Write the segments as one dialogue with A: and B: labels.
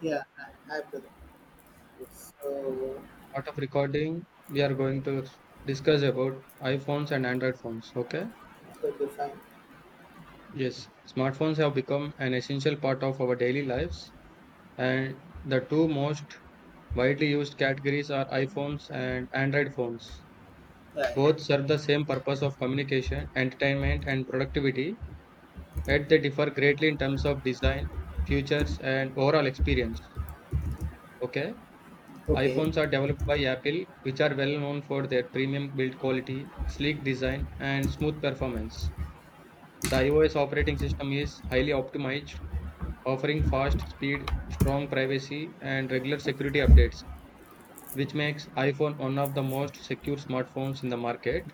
A: Yeah, I put it.
B: Part
A: So
B: of recording, we are going to discuss about iPhones and Android phones. Okay.
A: it will be fine.
B: Yes. Smartphones have become an essential part of our daily lives, and the two most widely used categories are iPhones and Android phones.
A: Right.
B: Both serve the same purpose of communication, entertainment, and productivity, yet they differ greatly in terms of design, features, and overall experience. Okay.
A: Okay.
B: iPhones are developed by Apple, which are well known for their premium build quality, sleek design, and smooth performance. The iOS operating system is highly optimized, offering fast speed, strong privacy, and regular security updates, which makes iPhone one of the most secure smartphones in the market.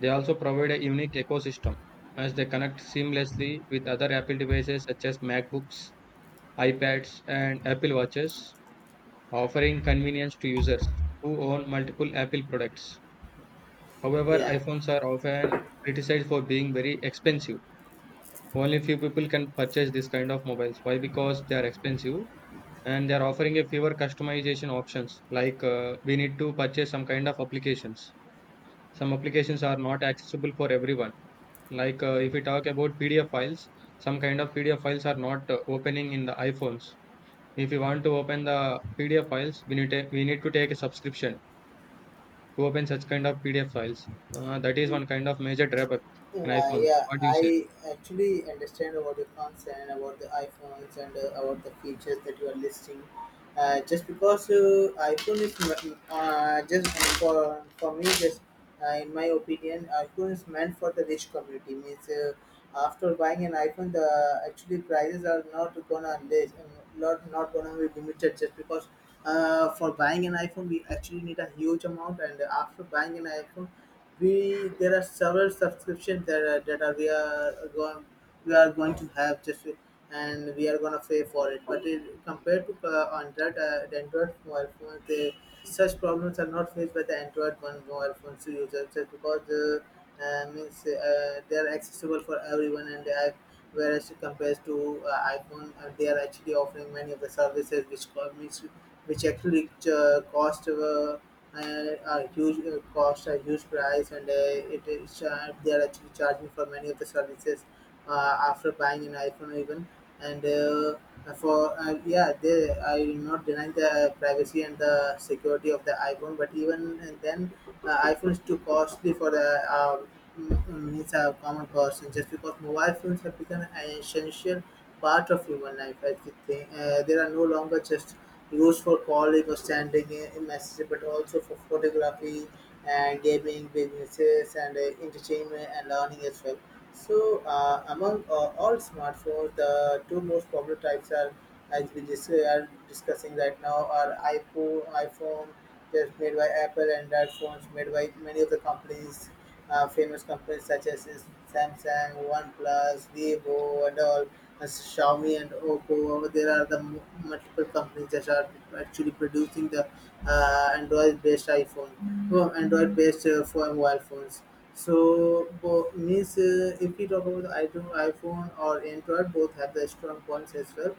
B: They also provide a unique ecosystem as they connect seamlessly with other Apple devices such as MacBooks, iPads, and Apple Watches, offering convenience to users who own multiple Apple products. However,
A: Yeah.
B: iPhones are often criticized for being very expensive. Only few people can purchase this kind of mobiles. Why? Because they are expensive and they are offering a fewer customization options. Like we need to purchase some kind of applications. Some applications are not accessible for everyone. Like if we talk about PDF files, some kind of PDF files are not opening in the iPhones. If you want to open the PDF files, we need to take a subscription to open such kind of PDF files. That is one kind of major drawback in
A: Yeah,
B: iPhones.
A: yeah,
B: What do you say?
A: I actually understand about your concern about the iPhones and about the features that you are listing. Just because iPhone just for me, just in my opinion, iPhone is meant for the rich community. Means after buying an iPhone, the actually prices are not gonna list, not gonna be limited just because. For buying an iPhone, we actually need a huge amount, and after buying an iPhone, we there are several subscriptions that are we are going to have just and we are gonna pay for it. But it, compared to Android, the Android mobile phone, they, such problems are not faced by the Android one mobile phone users just because the means they are accessible for everyone and they have, whereas compared to iPhone, they are actually offering many of the services which actually cost. A huge cost, a huge price, and it is they are actually charging for many of the services after buying an iPhone even. And for yeah, they I will not deny the privacy and the security of the iPhone, but even then, iPhone is too costly for the. Means a common person just because mobile phones have become an essential part of human life. I think there are no longer just used for calling or sending a messages, but also for photography and gaming businesses and entertainment and learning as well. So, among all smartphones, the two most popular types are, are discussing right now, are iPhone that's made by Apple, and Android phones made by many of the companies, famous companies such as Samsung, OnePlus, Vivo, and all as Xiaomi and Oppo, there are the multiple companies that are actually producing the Android-based iPhone, well, Android-based for mobile phones. So means if we talk about the iPhone or Android, both have the strong points as well.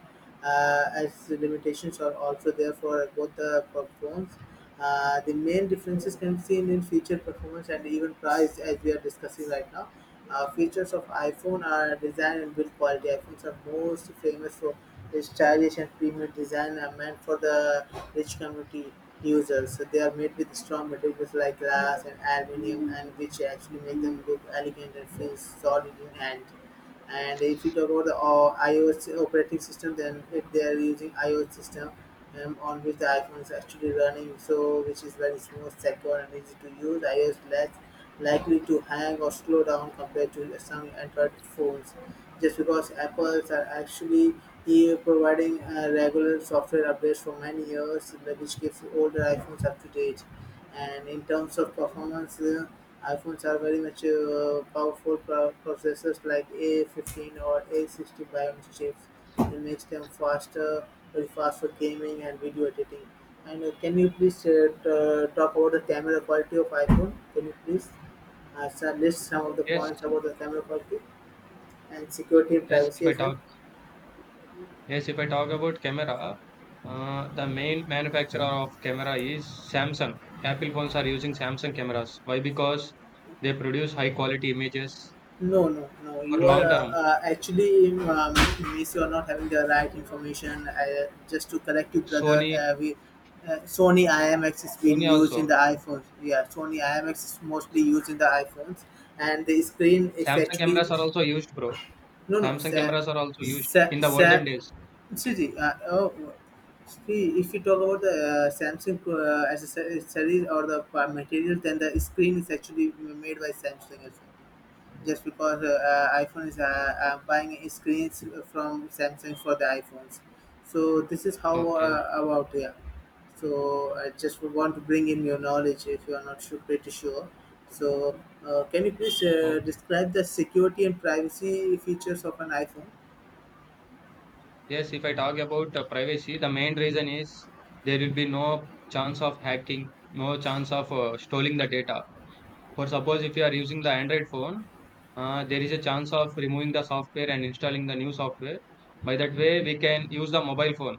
A: As the limitations are also there for both the phones. The main differences can be seen in feature performance and even price, as we are discussing right now. Features of iPhone are design and build quality. iPhones are most famous for their stylish and premium design are meant for the rich community users. So they are made with strong materials like glass and aluminium, and which actually make them look elegant and feel solid in hand. And if you talk about the iOS operating system, then if they are using iOS system on which the iPhone is actually running, so which is very smooth, secure, and easy to use. iOS lets likely to hang or slow down compared to some Android phones, just because Apple's are actually providing regular software updates for many years, which keeps older iPhones up to date. And in terms of performance, iPhones are very much powerful processors like A15 or A60 Bionic chips. It makes them faster, very fast for gaming and video editing. And can you please talk about the camera quality of iPhone? Can you please? Shall list some of the
B: Yes,
A: points about the camera quality and security and
B: yes.
A: privacy as well?
B: If I talk about camera, the main manufacturer of camera is Samsung. Apple phones are using Samsung cameras. Why? Because they produce high quality images
A: No, no, no.
B: for
A: You are
B: long term.
A: actually, miss, you are not having the right information. Just to correct you, brother,
B: Sony,
A: we Sony IMX is being
B: Sony
A: used in
B: also.
A: the iPhones. Yeah, Sony IMX is mostly used in the iPhones, and the screen is
B: Samsung
A: actually
B: cameras are also used, bro.
A: no, no.
B: Samsung cameras are also used
A: Sa-
B: in the olden
A: sa-
B: days.
A: See, the, oh, see, if you talk about the Samsung accessories or the materials, then the screen is actually made by Samsung as well. Just because iPhone is buying screens from Samsung for the iPhones, so this is how
B: Okay.
A: about yeah. So I just want to bring in your knowledge if you are not sure, pretty sure. So can you please
B: Okay.
A: describe the security and privacy features of an iPhone?
B: Yes, if I talk about privacy, the main reason is there will be no chance of hacking, no chance of stealing the data. For suppose if you are using the Android phone, there is a chance of removing the software and installing the new software. By that way, we can use the mobile phone.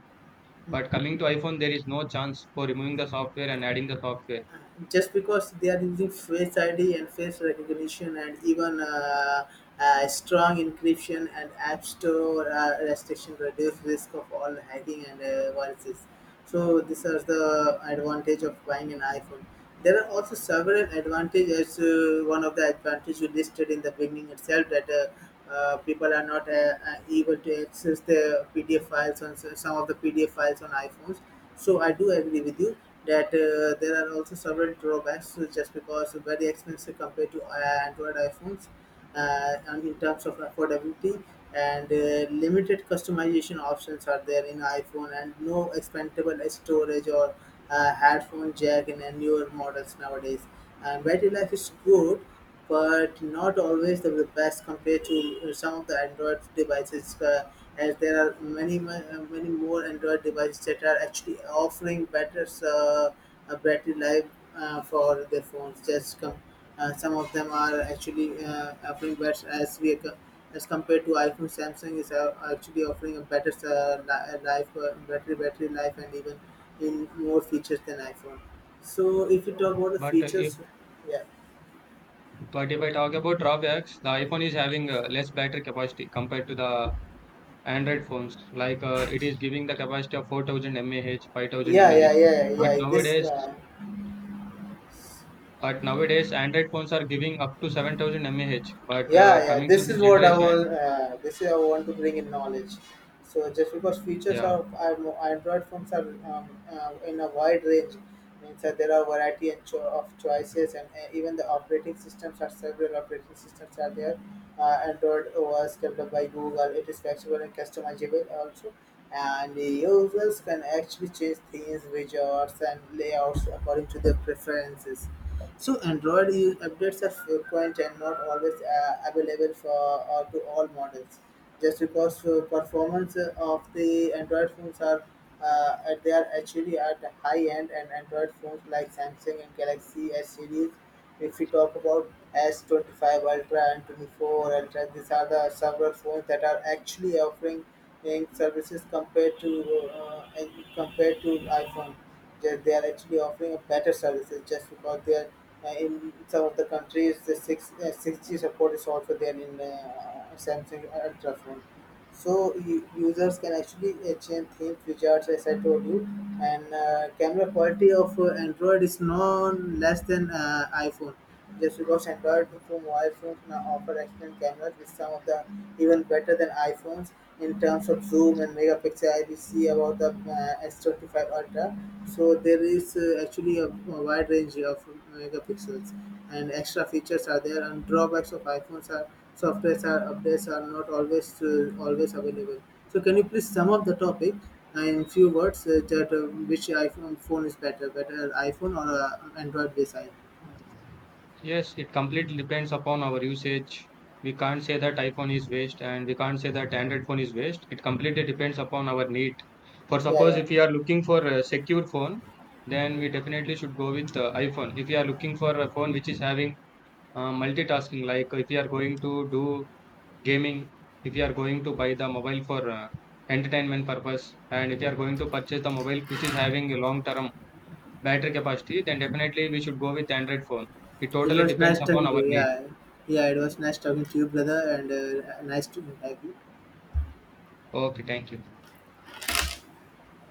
B: But coming to iPhone, there is no chance for removing the software and adding the software.
A: Just because they are using face ID and face recognition and even strong encryption and app store restriction reduce risk of all hacking and viruses. So these are the advantage of buying an iPhone. There are also several advantages. One of the advantages you listed in the beginning itself that people are not able to access the PDF files on some of the PDF files on iPhones. So I do agree with you that there are also several drawbacks just because very expensive compared to Android iPhones and in terms of affordability and limited customization options are there in iPhone and no expandable storage or headphone jack in newer models nowadays. And battery life is good, but not always the best compared to some of the Android devices. As there are many more Android devices that are actually offering better battery life for their phones. Just come, some of them are actually offering better as compared to iPhone. Samsung is actually offering a better life, battery life, and even in more features than iPhone. So if you talk about the
B: But uh, if
A: features, yeah,
B: but if I talk about drawbacks, the iPhone is having less battery capacity compared to the Android phones. Like it is giving the capacity of 4,000 mAh, 5,000
A: yeah,
B: mAh.
A: yeah, yeah,
B: But
A: yeah. This.
B: nowadays, but nowadays Android phones are giving up to 7,000 mAh. But
A: Yeah, yeah,
B: coming to the generation,
A: this is I want to bring in knowledge so just because features
B: yeah,
A: of I Android phones are in a wide range means that there are variety and of choices and even the operating systems are several operating systems are there. Android was developed by Google. It is flexible and customizable also, and the users can actually change themes widgets and layouts according to their preferences. So Android updates are frequent and not always available for to all models. Just because performance of the Android phones are they are actually at the high end, and Android phones like Samsung and Galaxy S series, if we talk about S25 Ultra and 24 Ultra, these are the several phones that are actually offering in services compared to and compared to iPhone. They are actually offering a better services just because they are in some of the countries the six 6G support is also there in Samsung Ultra phone. So users can actually change themes, which are as I told you, and camera quality of Android is no less than iPhone just because Android phone mobile phones now offer excellent cameras with some of the even better than iPhones in terms of zoom and megapixel I we see about the S25 ultra, so there is actually a wide range of megapixels and extra features are there and drawbacks of iPhones are softwares are updates are not always always available. So can you please sum up the topic in few words that which iPhone phone is better, better iPhone or Android based iPhone?
B: yes, it completely depends upon our usage. We can't say that iPhone is waste, and we can't say that Android phone is waste. It completely depends upon our need. For
A: Yeah,
B: suppose
A: yeah.
B: if we are looking for a secure phone, then we definitely should go with iPhone. If we are looking for a phone which is having multitasking, like if we are going to do gaming, if you are going to buy the mobile for entertainment purpose, and if you are going to purchase the mobile which is having a long term battery capacity, then definitely we should go with Android phone. It
A: It
B: totally
A: was nice
B: depends upon
A: talking to
B: our
A: you.
B: need.
A: Yeah, yeah, it was nice talking to you, brother, and nice to have you.
B: Okay, thank you.